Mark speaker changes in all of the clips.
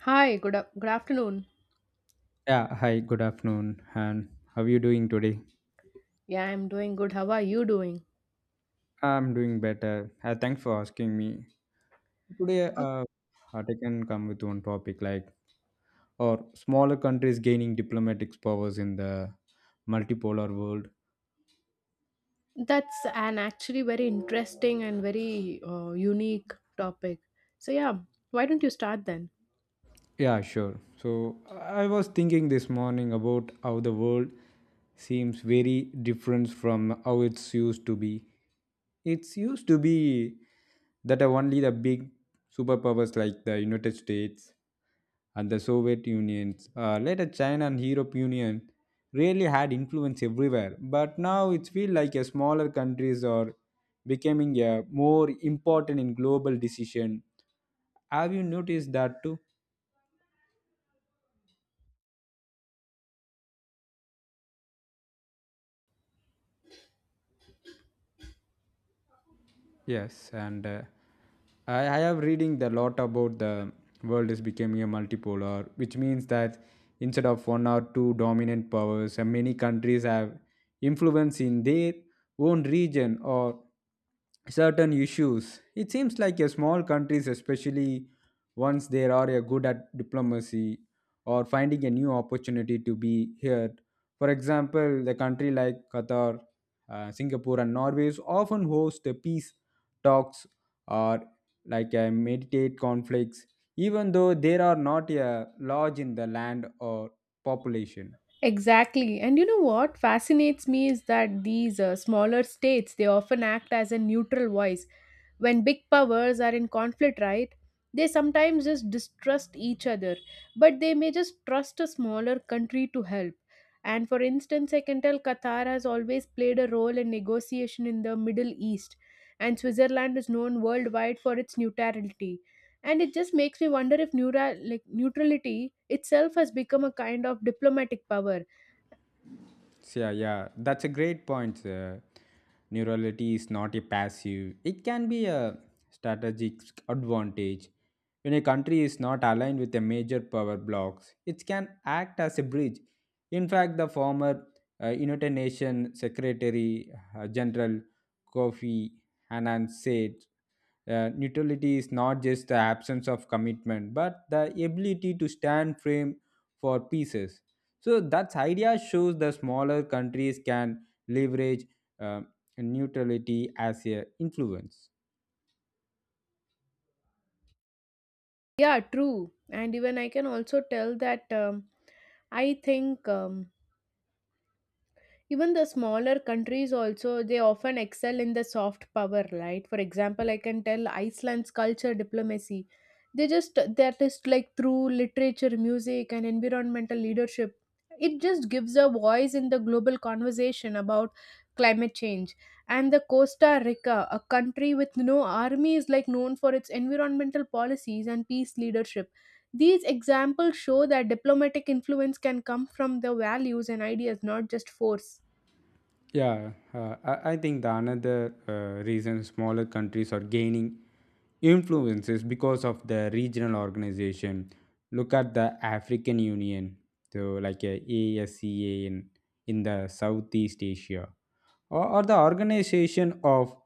Speaker 1: Hi, good afternoon.
Speaker 2: Yeah, hi, good afternoon, and how are you doing today?
Speaker 1: Yeah, I'm doing good. How are you doing?
Speaker 2: I'm doing better. Thanks for asking me. Today,
Speaker 1: Uh,
Speaker 2: I can come with one topic like, or smaller countries gaining diplomatic powers in the multipolar world.
Speaker 1: That's an actually very interesting and very unique topic. So yeah, why don't you start then?
Speaker 2: Yeah, sure. So I was thinking this morning about how the world seems very different from how it's used to be. It's used to be that only the big superpowers like the United States and the Soviet Unions, later China and Europe Union, really had influence everywhere. But now it feels like a smaller countries are becoming a more important in global decision. Have you noticed that too? Yes, and I have reading the lot about the world is becoming a multipolar, which means that instead of one or two dominant powers, many countries have influence in their own region or certain issues. It seems like a small countries, especially once they are a good at diplomacy or finding a new opportunity to be heard. For example, the country like Qatar, Singapore, and Norway often host a peace talks or like a meditate conflicts even though there are not a large in the land or population.
Speaker 1: Exactly. And you know what fascinates me is that these smaller states they often act as a neutral voice when big powers are in conflict, right? They sometimes just distrust each other, but they may just trust a smaller country to help. And for instance, I can tell Qatar has always played a role in negotiation in the Middle East, and Switzerland is known worldwide for its neutrality. And it just makes me wonder if like, neutrality itself has become a kind of diplomatic power.
Speaker 2: So, yeah, yeah, that's a great point. Neurality is not a passive, it can be a strategic advantage. When a country is not aligned with the major power blocks, it can act as a bridge. In fact, the former, United Nations Secretary, General Kofi Annan said, neutrality is not just the absence of commitment, but the ability to stand firm for pieces. So that idea shows the smaller countries can leverage uh, neutrality as a influence.
Speaker 1: Yeah, true. And even I can also tell that I think even the smaller countries also they often excel in the soft power, right? For example, I can tell Iceland's culture diplomacy, they just that is like through literature, music and environmental leadership, it just gives a voice in the global conversation about climate change. And the Costa Rica, a country with no army, is like known for its environmental policies and peace leadership. These examples show that diplomatic influence can come from the values and ideas, not just force.
Speaker 2: Yeah, I think the another reason smaller countries are gaining influence is because of the regional organization. Look at the African Union, so like a ASEAN in the Southeast Asia, or the organization of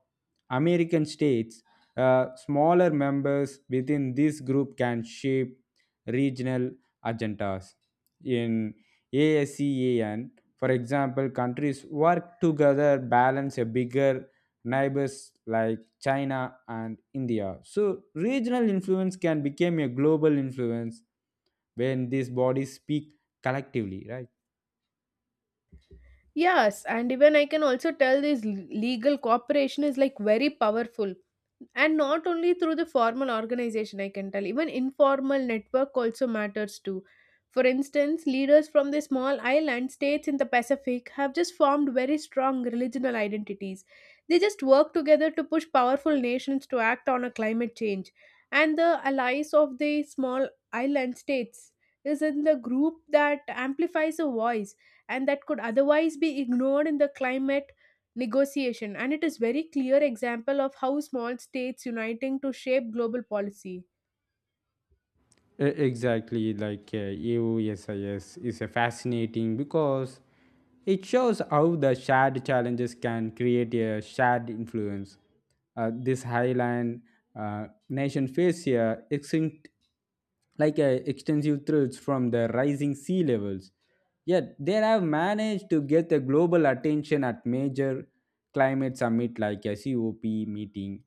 Speaker 2: American states. Smaller members within this group can shape regional agendas. In ASEAN, for example, countries work together balance a bigger neighbors like China and India. So regional influence can become a global influence when these bodies speak collectively, right?
Speaker 1: Yes, and even I can also tell this legal cooperation is like very powerful, and not only through the formal organization. I can tell even informal network also matters too. For instance, leaders from the small island states in the Pacific have just formed very strong regional identities. They just work together to push powerful nations to act on a climate change. And the allies of the small island states is in the group that amplifies a voice and that could otherwise be ignored in the climate negotiation. And it is very clear example of how small states uniting to shape global policy.
Speaker 2: Exactly, like AOSIS is a fascinating because it shows how the shared challenges can create a shared influence. This highland nation face a extinct, like a extensive threats from the rising sea levels. Yet they have managed to get the global attention at major climate summit like a COP meeting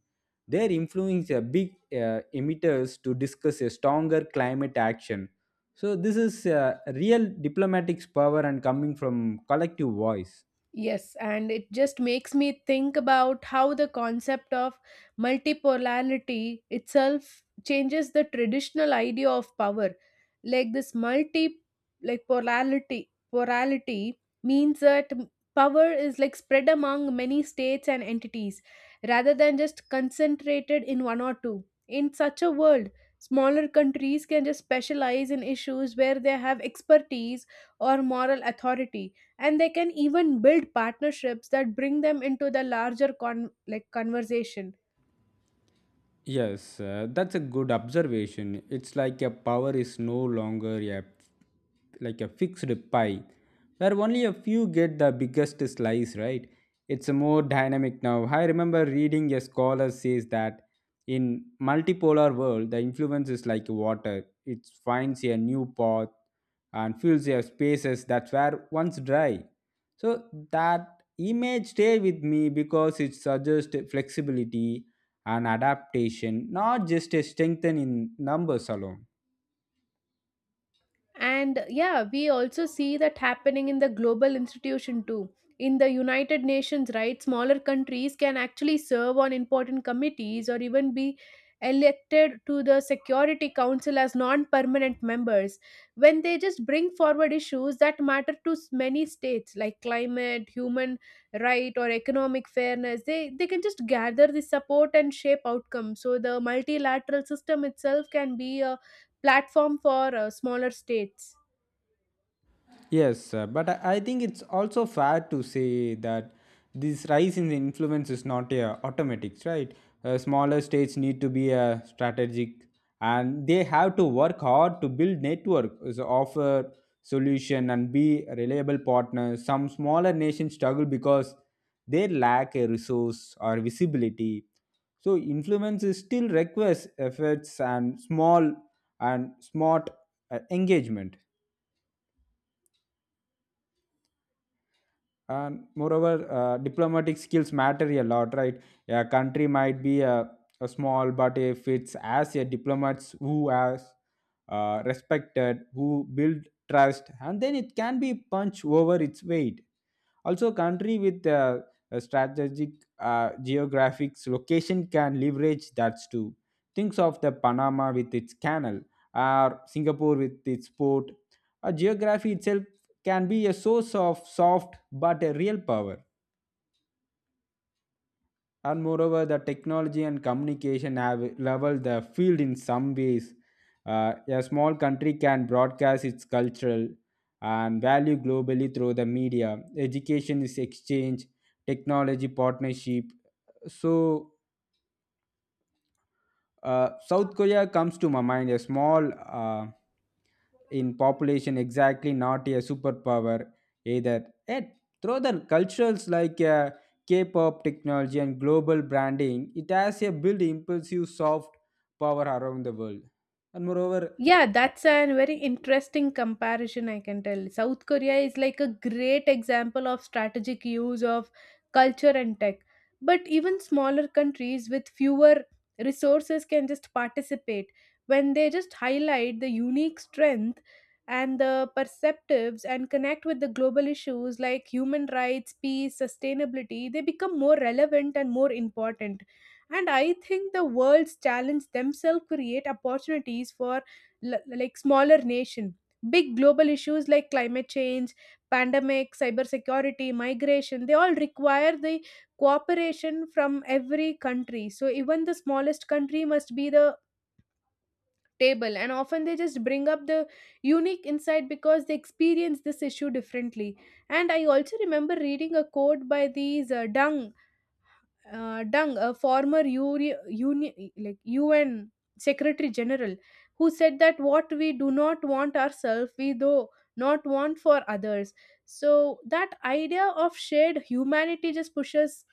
Speaker 2: their influence a big emitters to discuss a stronger climate action. So this is real diplomatic power and coming from collective voice.
Speaker 1: Yes, and it just makes me think about how the concept of multipolarity itself changes the traditional idea of power. Like this multi like polarity polarity means that power is like spread among many states and entities rather than just concentrated in one or two. In such a world, smaller countries can just specialize in issues where they have expertise or moral authority, and they can even build partnerships that bring them into the larger like conversation.
Speaker 2: Yes, that's a good observation. It's like a power is no longer a like a fixed pie where only a few get the biggest slice, right? It's more dynamic now. I remember reading a scholar says that in multipolar world the influence is like water. It finds a new path and fills their spaces that were once dry. So that image stayed with me because it suggests flexibility and adaptation, not just a strengthen in numbers alone.
Speaker 1: And yeah, we also see that happening in the global institution too. In the United Nations, right, smaller countries can actually serve on important committees or even be elected to the Security Council as non-permanent members. When they just bring forward issues that matter to many states like climate, human right or economic fairness, they can just gather the support and shape outcomes. So the multilateral system itself can be a platform for smaller states.
Speaker 2: Yes, but I think it's also fair to say that this rise in influence is not a automatic, right? Smaller states need to be strategic, and they have to work hard to build network, so offer solution, and be reliable partners. Some smaller nations struggle because they lack a resource or visibility. So influence is still requires efforts and small and smart engagement. And moreover, diplomatic skills matter a lot, right? A country might be a small, but if it's as a diplomats who has respected, who build trust, and then it can be punch over its weight. Also country with a strategic geographic location can leverage that too. Thinks of the Panama with its canal, or Singapore with its port. A geography itself can be a source of soft but a real power. And moreover, the technology and communication have leveled the field in some ways. A small country can broadcast its cultural and value globally through the media. Education is exchange, technology partnership. So, South Korea comes to my mind, a small in population, exactly not a superpower either. Yet, through the cultures like K-pop technology and global branding, it has a built impulsive soft power around the world. And moreover,
Speaker 1: Yeah, that's a very interesting comparison, I can tell. South Korea is like a great example of strategic use of culture and tech. But even smaller countries with fewer resources can just participate when they just highlight the unique strength and the perceptives and connect with the global issues like human rights, peace, sustainability, they become more relevant and more important. And I think the world's challenge themselves create opportunities for like smaller nation. Big global issues like climate change, pandemic, cybersecurity, migration, they all require the cooperation from every country. So even the smallest country must be the table and often they just bring up the unique insight because they experience this issue differently. And I also remember reading a quote by these deng Dung, a former like UN Secretary General, who said that what we do not want ourselves, we do not want for others. So that idea of shared humanity just pushes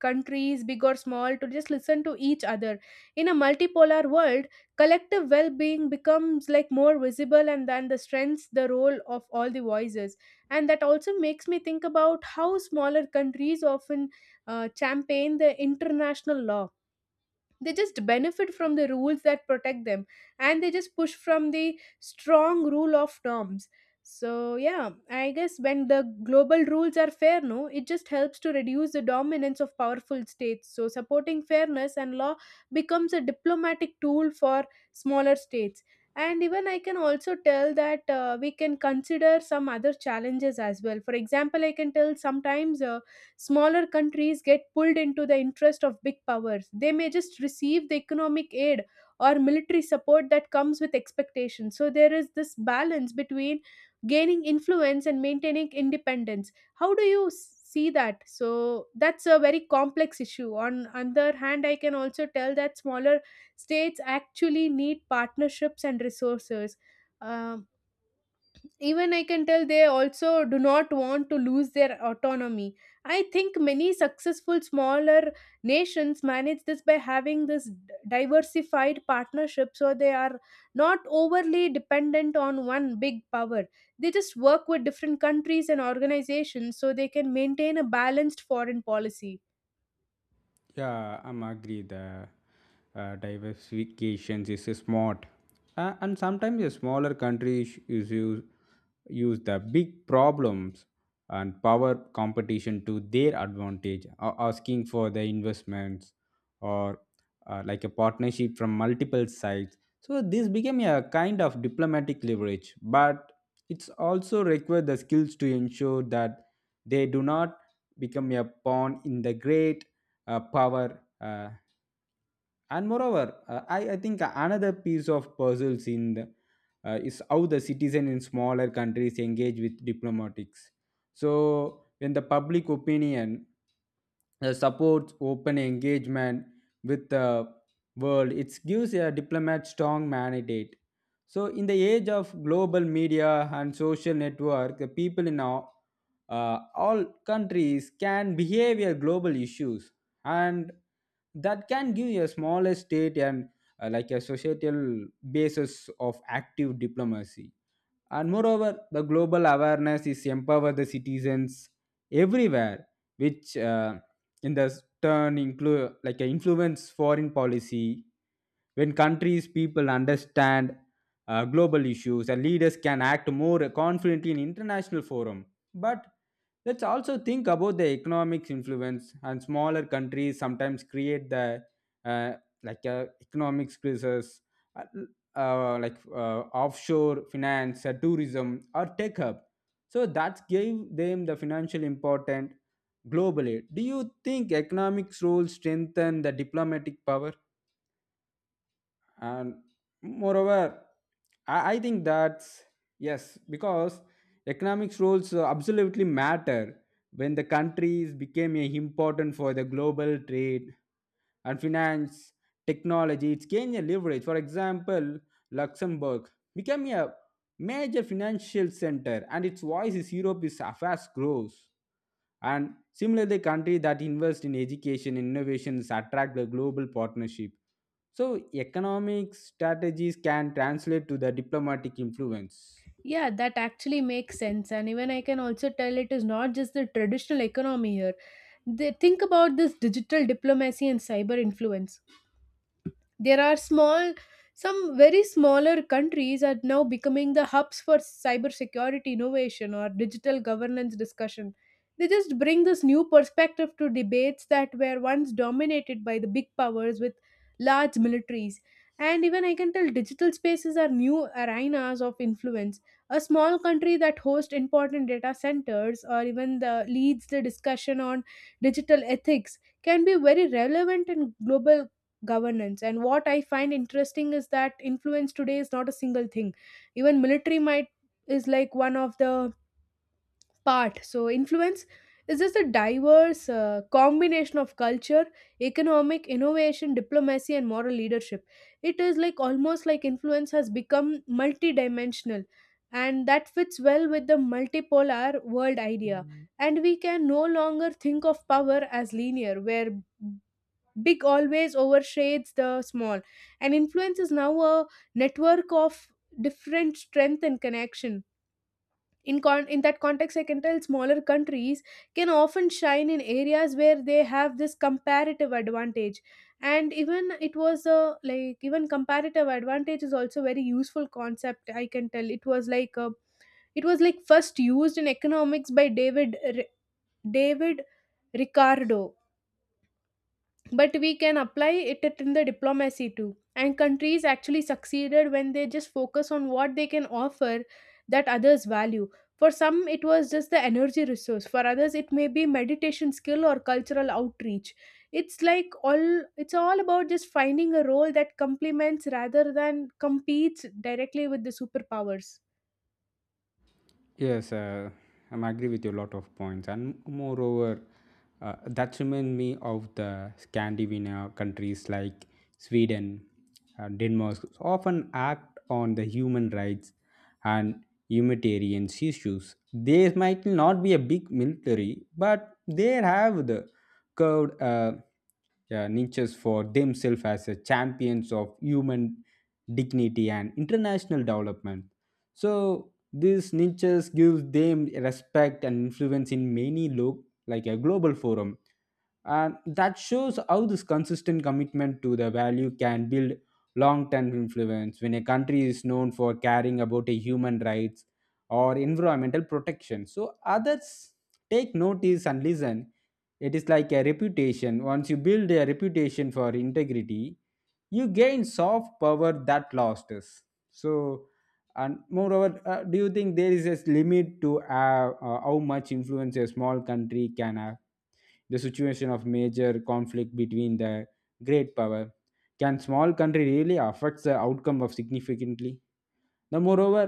Speaker 1: countries, big or small, to just listen to each other. In a multipolar world, collective well-being becomes like more visible and then the strengths the role of all the voices. And that also makes me think about how smaller countries often campaign the international law. They just benefit from the rules that protect them and they just push from the strong rule of norms. So yeah, I guess when the global rules are fair, no, it just helps to reduce the dominance of powerful states. So supporting fairness and law becomes a diplomatic tool for smaller states. And even I can also tell that we can consider some other challenges as well. For example, I can tell sometimes smaller countries get pulled into the interest of big powers. They may just receive the economic aid or military support that comes with expectations. So there is this balance between gaining influence and maintaining independence. How do you see that? So that's a very complex issue. On other hand, I can also tell that smaller states actually need partnerships and resources. Um, Even I can tell they also do not want to lose their autonomy. I think many successful smaller nations manage this by having this diversified partnership, so they are not overly dependent on one big power. They just work with different countries and organizations so they can maintain a balanced foreign policy.
Speaker 2: yeah, I'm agree. The diversifications is smart, and sometimes a smaller country is use the big problems and power competition to their advantage, asking for the investments or like a partnership from multiple sides. So this became a kind of diplomatic leverage, but it's also require the skills to ensure that they do not become a pawn in the great power. And moreover, I think another piece of puzzles in the, is how the citizen in smaller countries engage with diplomatics. So when the public opinion supports open engagement with the world, it gives a diplomat strong mandate. So in the age of global media and social network, the people in our all countries can behave a global issues, and that can give a small state and like a societal basis of active diplomacy. And moreover, the global awareness is empower the citizens everywhere, which in this turn include like influence foreign policy. When countries, people understand global issues, and leaders can act more confidently in international forum. But let's also think about the economic influence, and smaller countries sometimes create the uh, like economic crisis, uh, like offshore finance, tourism or tech hub. So that gave them the financial importance globally. Do you think economics role strengthen the diplomatic power? And moreover, I think that's yes because economics rules absolutely matter when the countries became a important for the global trade and finance technology. It's gained a leverage. For example, Luxembourg became a major financial center, and its voice is Europe is fast grows. And similarly, country that invest in education and innovations attract the global partnership. So, economic strategies can translate to the diplomatic influence.
Speaker 1: Yeah, that actually makes sense. And even I can also tell it is not just the traditional economy here. They think about this digital diplomacy and cyber influence. There are small, some very smaller countries are now becoming the hubs for cybersecurity innovation or digital governance discussion. They just bring this new perspective to debates that were once dominated by the big powers with large militaries. And even I can tell digital spaces are new arenas of influence. A small country that hosts important data centers or even the, leads the discussion on digital ethics can be very relevant in global governance. And what I find interesting is that influence today is not a single thing. Even military might is like one of the part. So influence is just a diverse combination of culture, economic innovation, diplomacy and moral leadership. It is like almost like influence has become multidimensional, and that fits well with the multipolar world idea. Mhm. And we can no longer think of power as linear where big always overshades the small. And influence is now a network of different strength and connection. In in that context, I can tell smaller countries can often shine in areas where they have this comparative advantage. And even it was a like even comparative advantage is also very useful concept. I can tell it was like a, it was like first used in economics by David Ricardo, but we can apply it in the diplomacy too. And countries actually succeeded when they just focus on what they can offer that others value. For some it was just the energy resource, for others it may be meditation skill or cultural outreach. it's like all it's all about just finding a role that complements rather than competes directly with the superpowers.
Speaker 2: Yes, I'm agree with you a lot of points, and moreover, that remind me of the Scandinavian countries like Sweden, Denmark often act on the human rights and humanitarian issues. They might not be a big military, but they have the curved niches for themselves as a champions of human dignity and international development. So these niches give them respect and influence in many look like a global forum. And that shows how this consistent commitment to the value can build long-term influence when a country is known for caring about a human rights or environmental protection. So others take notice and listen. It is like a reputation. Once you build a reputation for integrity, you gain soft power that lost us. So, and moreover, do you think there is a limit to how much influence a small country can have the situation of major conflict between the great power? Can small country really affect the outcome of significantly? Now moreover,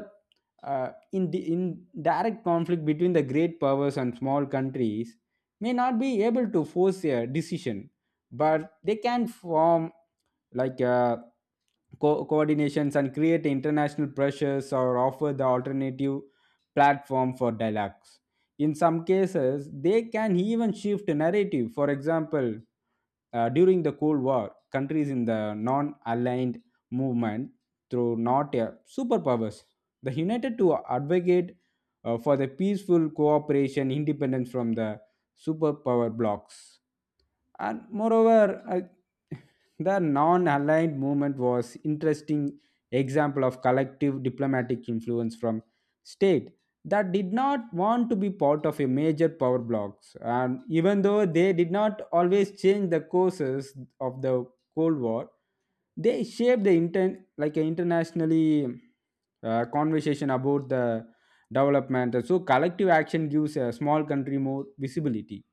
Speaker 2: in the in direct conflict between the great powers and small countries may not be able to force a decision, but they can form like coordinations and create international pressures or offer the alternative platform for dialogues. In some cases, they can even shift narrative. For example, during the Cold War, countries in the non aligned movement, through not a superpowers, the United to advocate for the peaceful cooperation independent from the superpower blocks. And moreover, the non-aligned movement was interesting example of collective diplomatic influence from state that did not want to be part of a major power blocks. And even though they did not always change the courses of the Cold War, they shaped the intent like an internationally conversation about the development. So collective action gives a small country more visibility.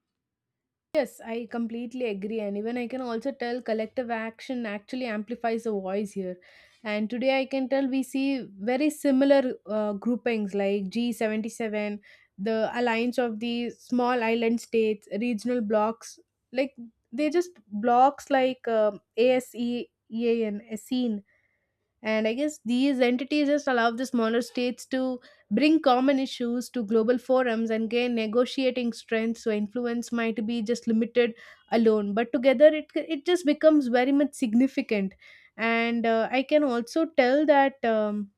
Speaker 1: Yes, I completely agree. And even I can also tell collective action actually amplifies the voice here. And today I can tell we see very similar groupings like G77, the alliance of the small island states, regional blocks. Like they just blocks like ASEAN, and I guess these entities just allow the smaller states to bring common issues to global forums and gain negotiating strength. So influence might be just limited alone, but together it just becomes very much significant. And I can also tell that.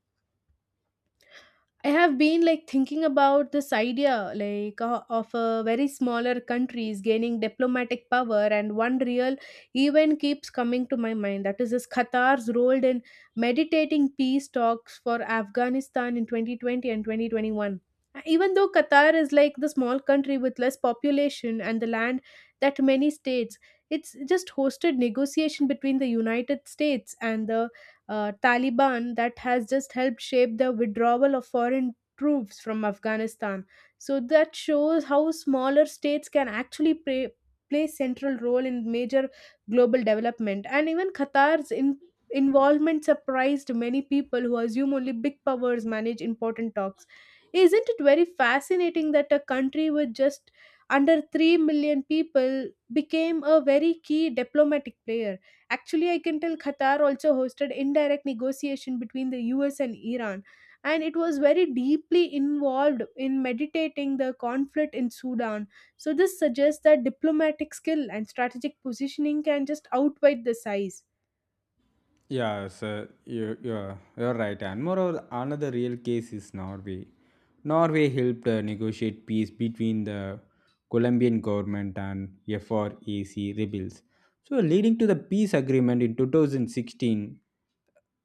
Speaker 1: I have been like thinking about this idea like of a very smaller countries gaining diplomatic power, and one real event keeps coming to my mind, that is this Qatar's role in meditating peace talks for Afghanistan in 2020 and 2021. Even though Qatar is like the small country with less population and the land that many states, it's just hosted negotiation between the United States and the Taliban that has just helped shape the withdrawal of foreign troops from Afghanistan. So that shows how smaller states can actually play central role in major global development. And even involvement surprised many people who assume only big powers manage important talks. Isn't it very fascinating that a country with just under 3 million people became a very key diplomatic player? Actually, I can tell Qatar also hosted indirect negotiation between the US and Iran, and it was very deeply involved in meditating the conflict in Sudan. So this suggests that diplomatic skill and strategic positioning can just outweigh the size.
Speaker 2: Yeah, sir. You're right. And moreover, another real case is Norway. Norway helped negotiate peace between the Colombian government and FRAC rebels. So, leading to the peace agreement in 2016,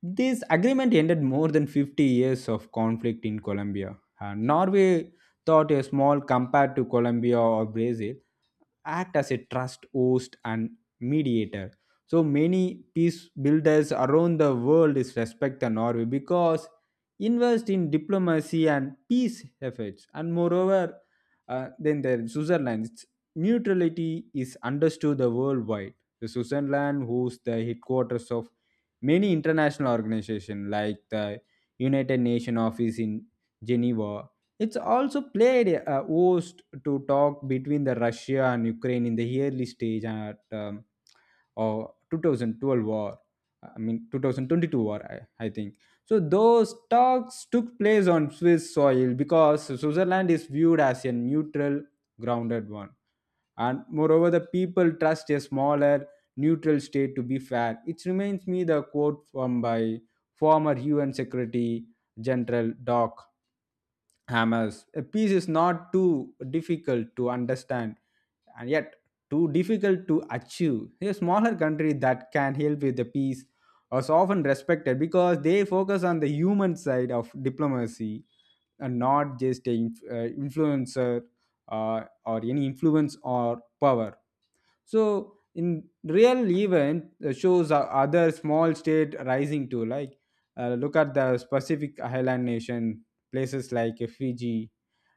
Speaker 2: this agreement ended more than 50 years of conflict in Colombia. And Norway thought a small compared to Colombia or Brazil act as a trust host and mediator. So many peace builders around the world is respect the Norway because invest in diplomacy and peace efforts. And moreover, then the Switzerland's neutrality is understood the worldwide. The Switzerland hosts the headquarters of many international organizations like the United Nations office in Geneva. It's also played a host to talk between the Russia and Ukraine in the early stage at or 2012 war, 2022 war, I think. So those talks took place on Swiss soil because Switzerland is viewed as a neutral grounded one. And moreover, the people trust a smaller neutral state to be fair. It reminds me the quote from by former UN secretary general Doc Hammers. A piece is not too difficult to understand, and yet too difficult to achieve. A smaller country that can help with the peace is often respected because they focus on the human side of diplomacy and not just the influencer or any influence or power. So in real event shows other small state rising too. Like, look at the Pacific Island nation, places like Fiji,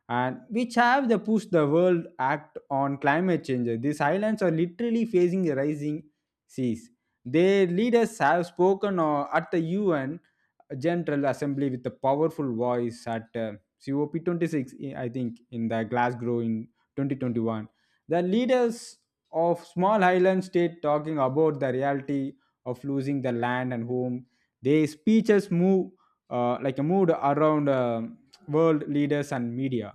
Speaker 2: and which have the push the world act on climate change. These islands are literally facing rising seas. Their leaders have spoken at the UN General Assembly with a powerful voice at COP 26, I think, in the Glasgow in 2021. The leaders of small Highland state talking about the reality of losing the land and home. Their speeches move like a mood around world leaders and media.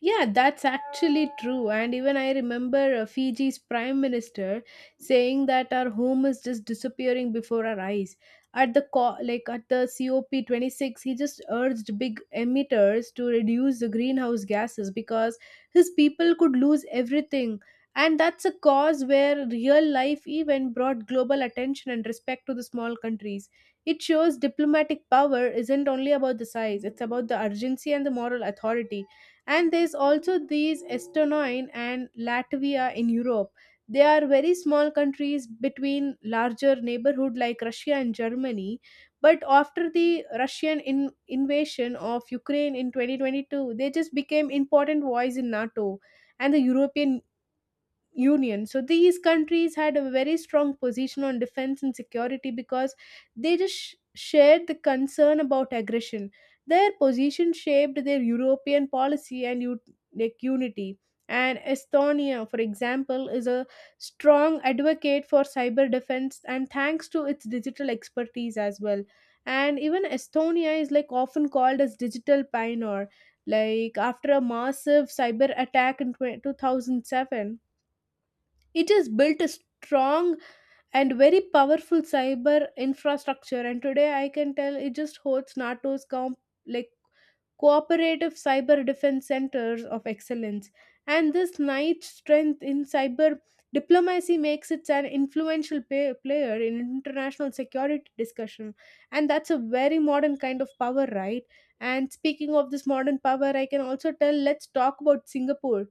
Speaker 1: Yeah, that's actually true. And even I remember Fiji's prime minister saying that our home is just disappearing before our eyes. At the like at the COP 26, he just urged big emitters to reduce the greenhouse gases because his people could lose everything. And that's a cause where real life even brought global attention and respect to the small countries. It shows diplomatic power isn't only about the size, it's about the urgency and the moral authority. And there's also these Estonia and Latvia in Europe. They are very small countries between larger neighborhood like Russia and Germany, but after the invasion of Ukraine in 2022, they just became important voice in NATO and the European Union. So these countries had a very strong position on defense and security because they just shared the concern about aggression. Their position shaped their European policy and like unity. And Estonia, for example, is a strong advocate for cyber defense and thanks to its digital expertise as well. And even Estonia is like often called as digital pioneer. Like after a massive cyber attack in 2007, it has built a strong and very powerful cyber infrastructure, and today I can tell it just hosts NATO's like cooperative cyber defense centers of excellence. And this night strength in cyber diplomacy makes it an influential player in international security discussion, and that's a very modern kind of power, right? And speaking of this modern power, I can also tell let's talk about Singapore.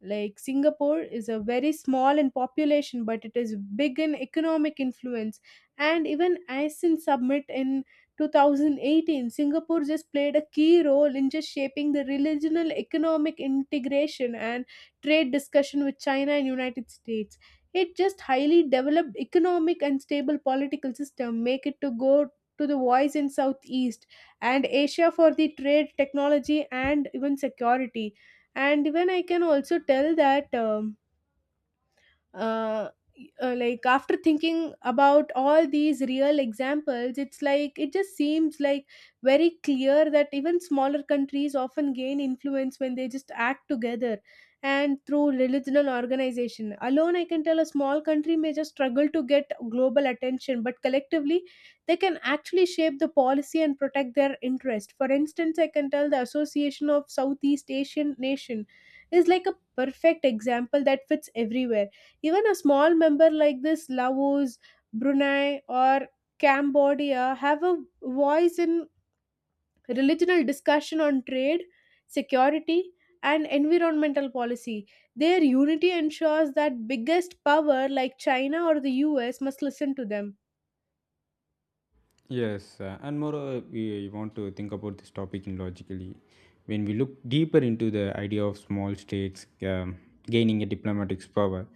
Speaker 1: Like Singapore is a very small in population, but it is big in economic influence. And even ASEAN Summit in 2018, Singapore just played a key role in just shaping the regional economic integration and trade discussion with China and United States. It just highly developed economic and stable political system make it to go to the voice in Southeast and Asia for the trade, technology, and even security. And even I can also tell that uh, like after thinking about all these real examples, it's like it just seems like very clear that even smaller countries often gain influence when they just act together, and through religion and organization alone I can tell a small country may just struggle to get global attention, but collectively they can actually shape the policy and protect their interest. For instance, I can tell the association of southeast asian nation is like a perfect example that fits everywhere. Even a small member like this, Laos, Brunei, or Cambodia, have a voice in regional discussion on trade, security, and environmental policy. Their unity ensures that biggest power like China or the US must listen to them.
Speaker 2: Yes, and moreover, we want to think about this topic in logically. When we look deeper into the idea of small states gaining a diplomatic power,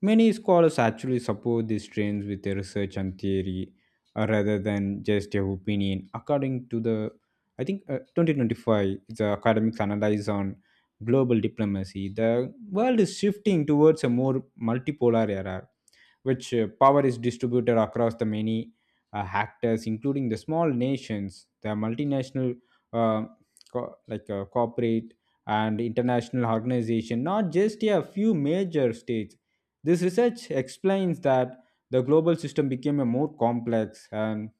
Speaker 2: many scholars actually support these trends with their research and theory, rather than just their opinion. According to the, I think, 2025, the academics analyze on global diplomacy, the world is shifting towards a more multipolar era which power is distributed across the many actors, including the small nations, the multinational, uh, corporate and international organization, not just a few major states. This research explains that the global system became a more complex and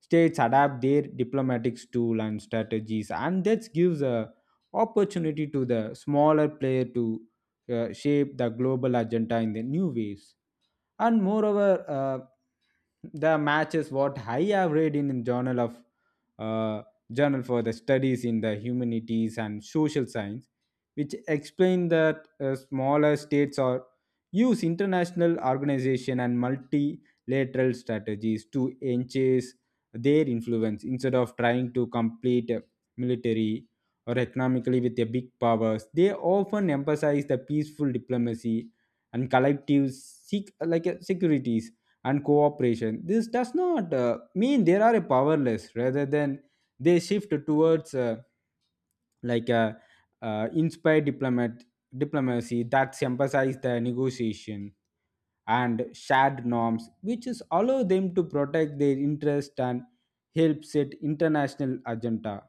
Speaker 2: states adapt their diplomatic tool and strategies, and that gives a opportunity to the smaller player to shape the global agenda in the new ways. And moreover, uh, the matches what I have read in the journal of uh, journal for the studies in the humanities and social science, which explain that smaller states are use international organization and multilateral strategies to enhance their influence instead of trying to compete military or economically with the big powers. They often emphasize the peaceful diplomacy and collectives seek like securities and cooperation. This does not mean they are powerless. Rather than they shift towards like a inspired diplomat diplomacy that emphasize the negotiation and shared norms, which is allow them to protect their interest and help set international agenda.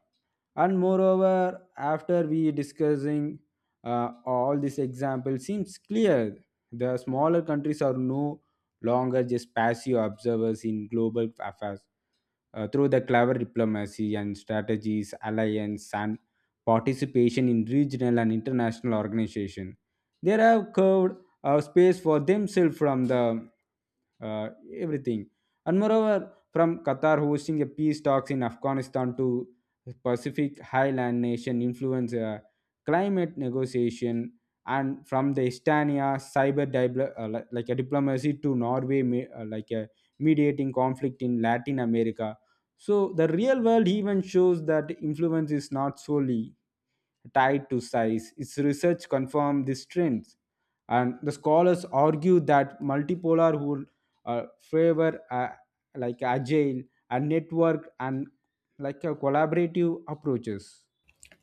Speaker 2: And moreover, after we discussing all this example seems clear the smaller countries are no longer just passive observers in global affairs. Through the clever diplomacy and strategies alliance and participation in regional and international organization, they have carved a space for themselves from the uh, everything. And moreover, from Qatar hosting a peace talks in Afghanistan to Pacific Highland nation influence climate negotiation, and from the Estonia cyber diplo- li- like a diplomacy to Norway, like a mediating conflict in Latin America. So the real world even shows that influence is not solely tied to size. Its research confirmed this trend. And the scholars argue that multipolar favor like agile and network and like a collaborative approaches.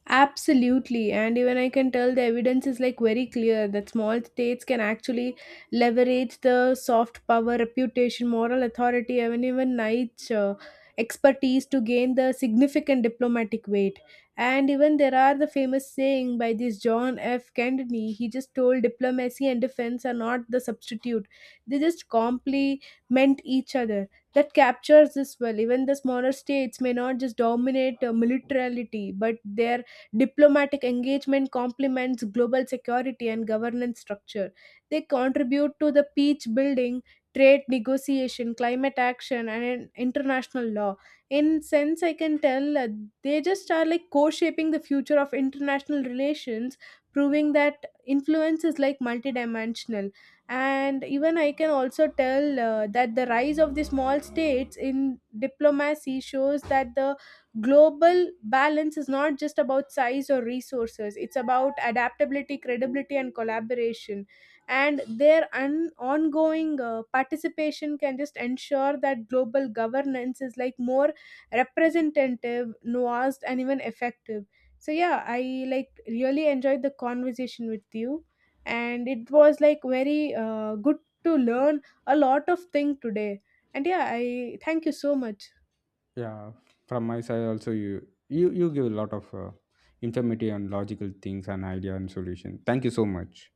Speaker 1: Absolutely, and even I can tell the evidence is like very clear that small states can actually leverage the soft power, reputation, moral authority, and even niche expertise to gain the significant diplomatic weight. And even there are the famous saying by this John F. Kennedy. He just told diplomacy and defense are not the substitute; they just complement each other. That captures this well. Even the smaller states may not just dominate militarily, but they. Diplomatic engagement complements global security and governance structure. They contribute to the peace building, trade negotiation, climate action, and international law. In sense, I can tell they just are like co-shaping the future of international relations, proving that influence is like multidimensional. And even I can also tell that the rise of the small states in diplomacy shows that the global balance is not just about size or resources, it's about adaptability, credibility, and collaboration. And their ongoing participation can just ensure that global governance is like more representative, nuanced, and even effective. So yeah, I like really enjoyed the conversation with you, and it was like very good to learn a lot of thing today. And yeah, I thank you so much.
Speaker 2: Yeah, from my side also, you give a lot of informative and logical things and idea and solution. Thank you so much.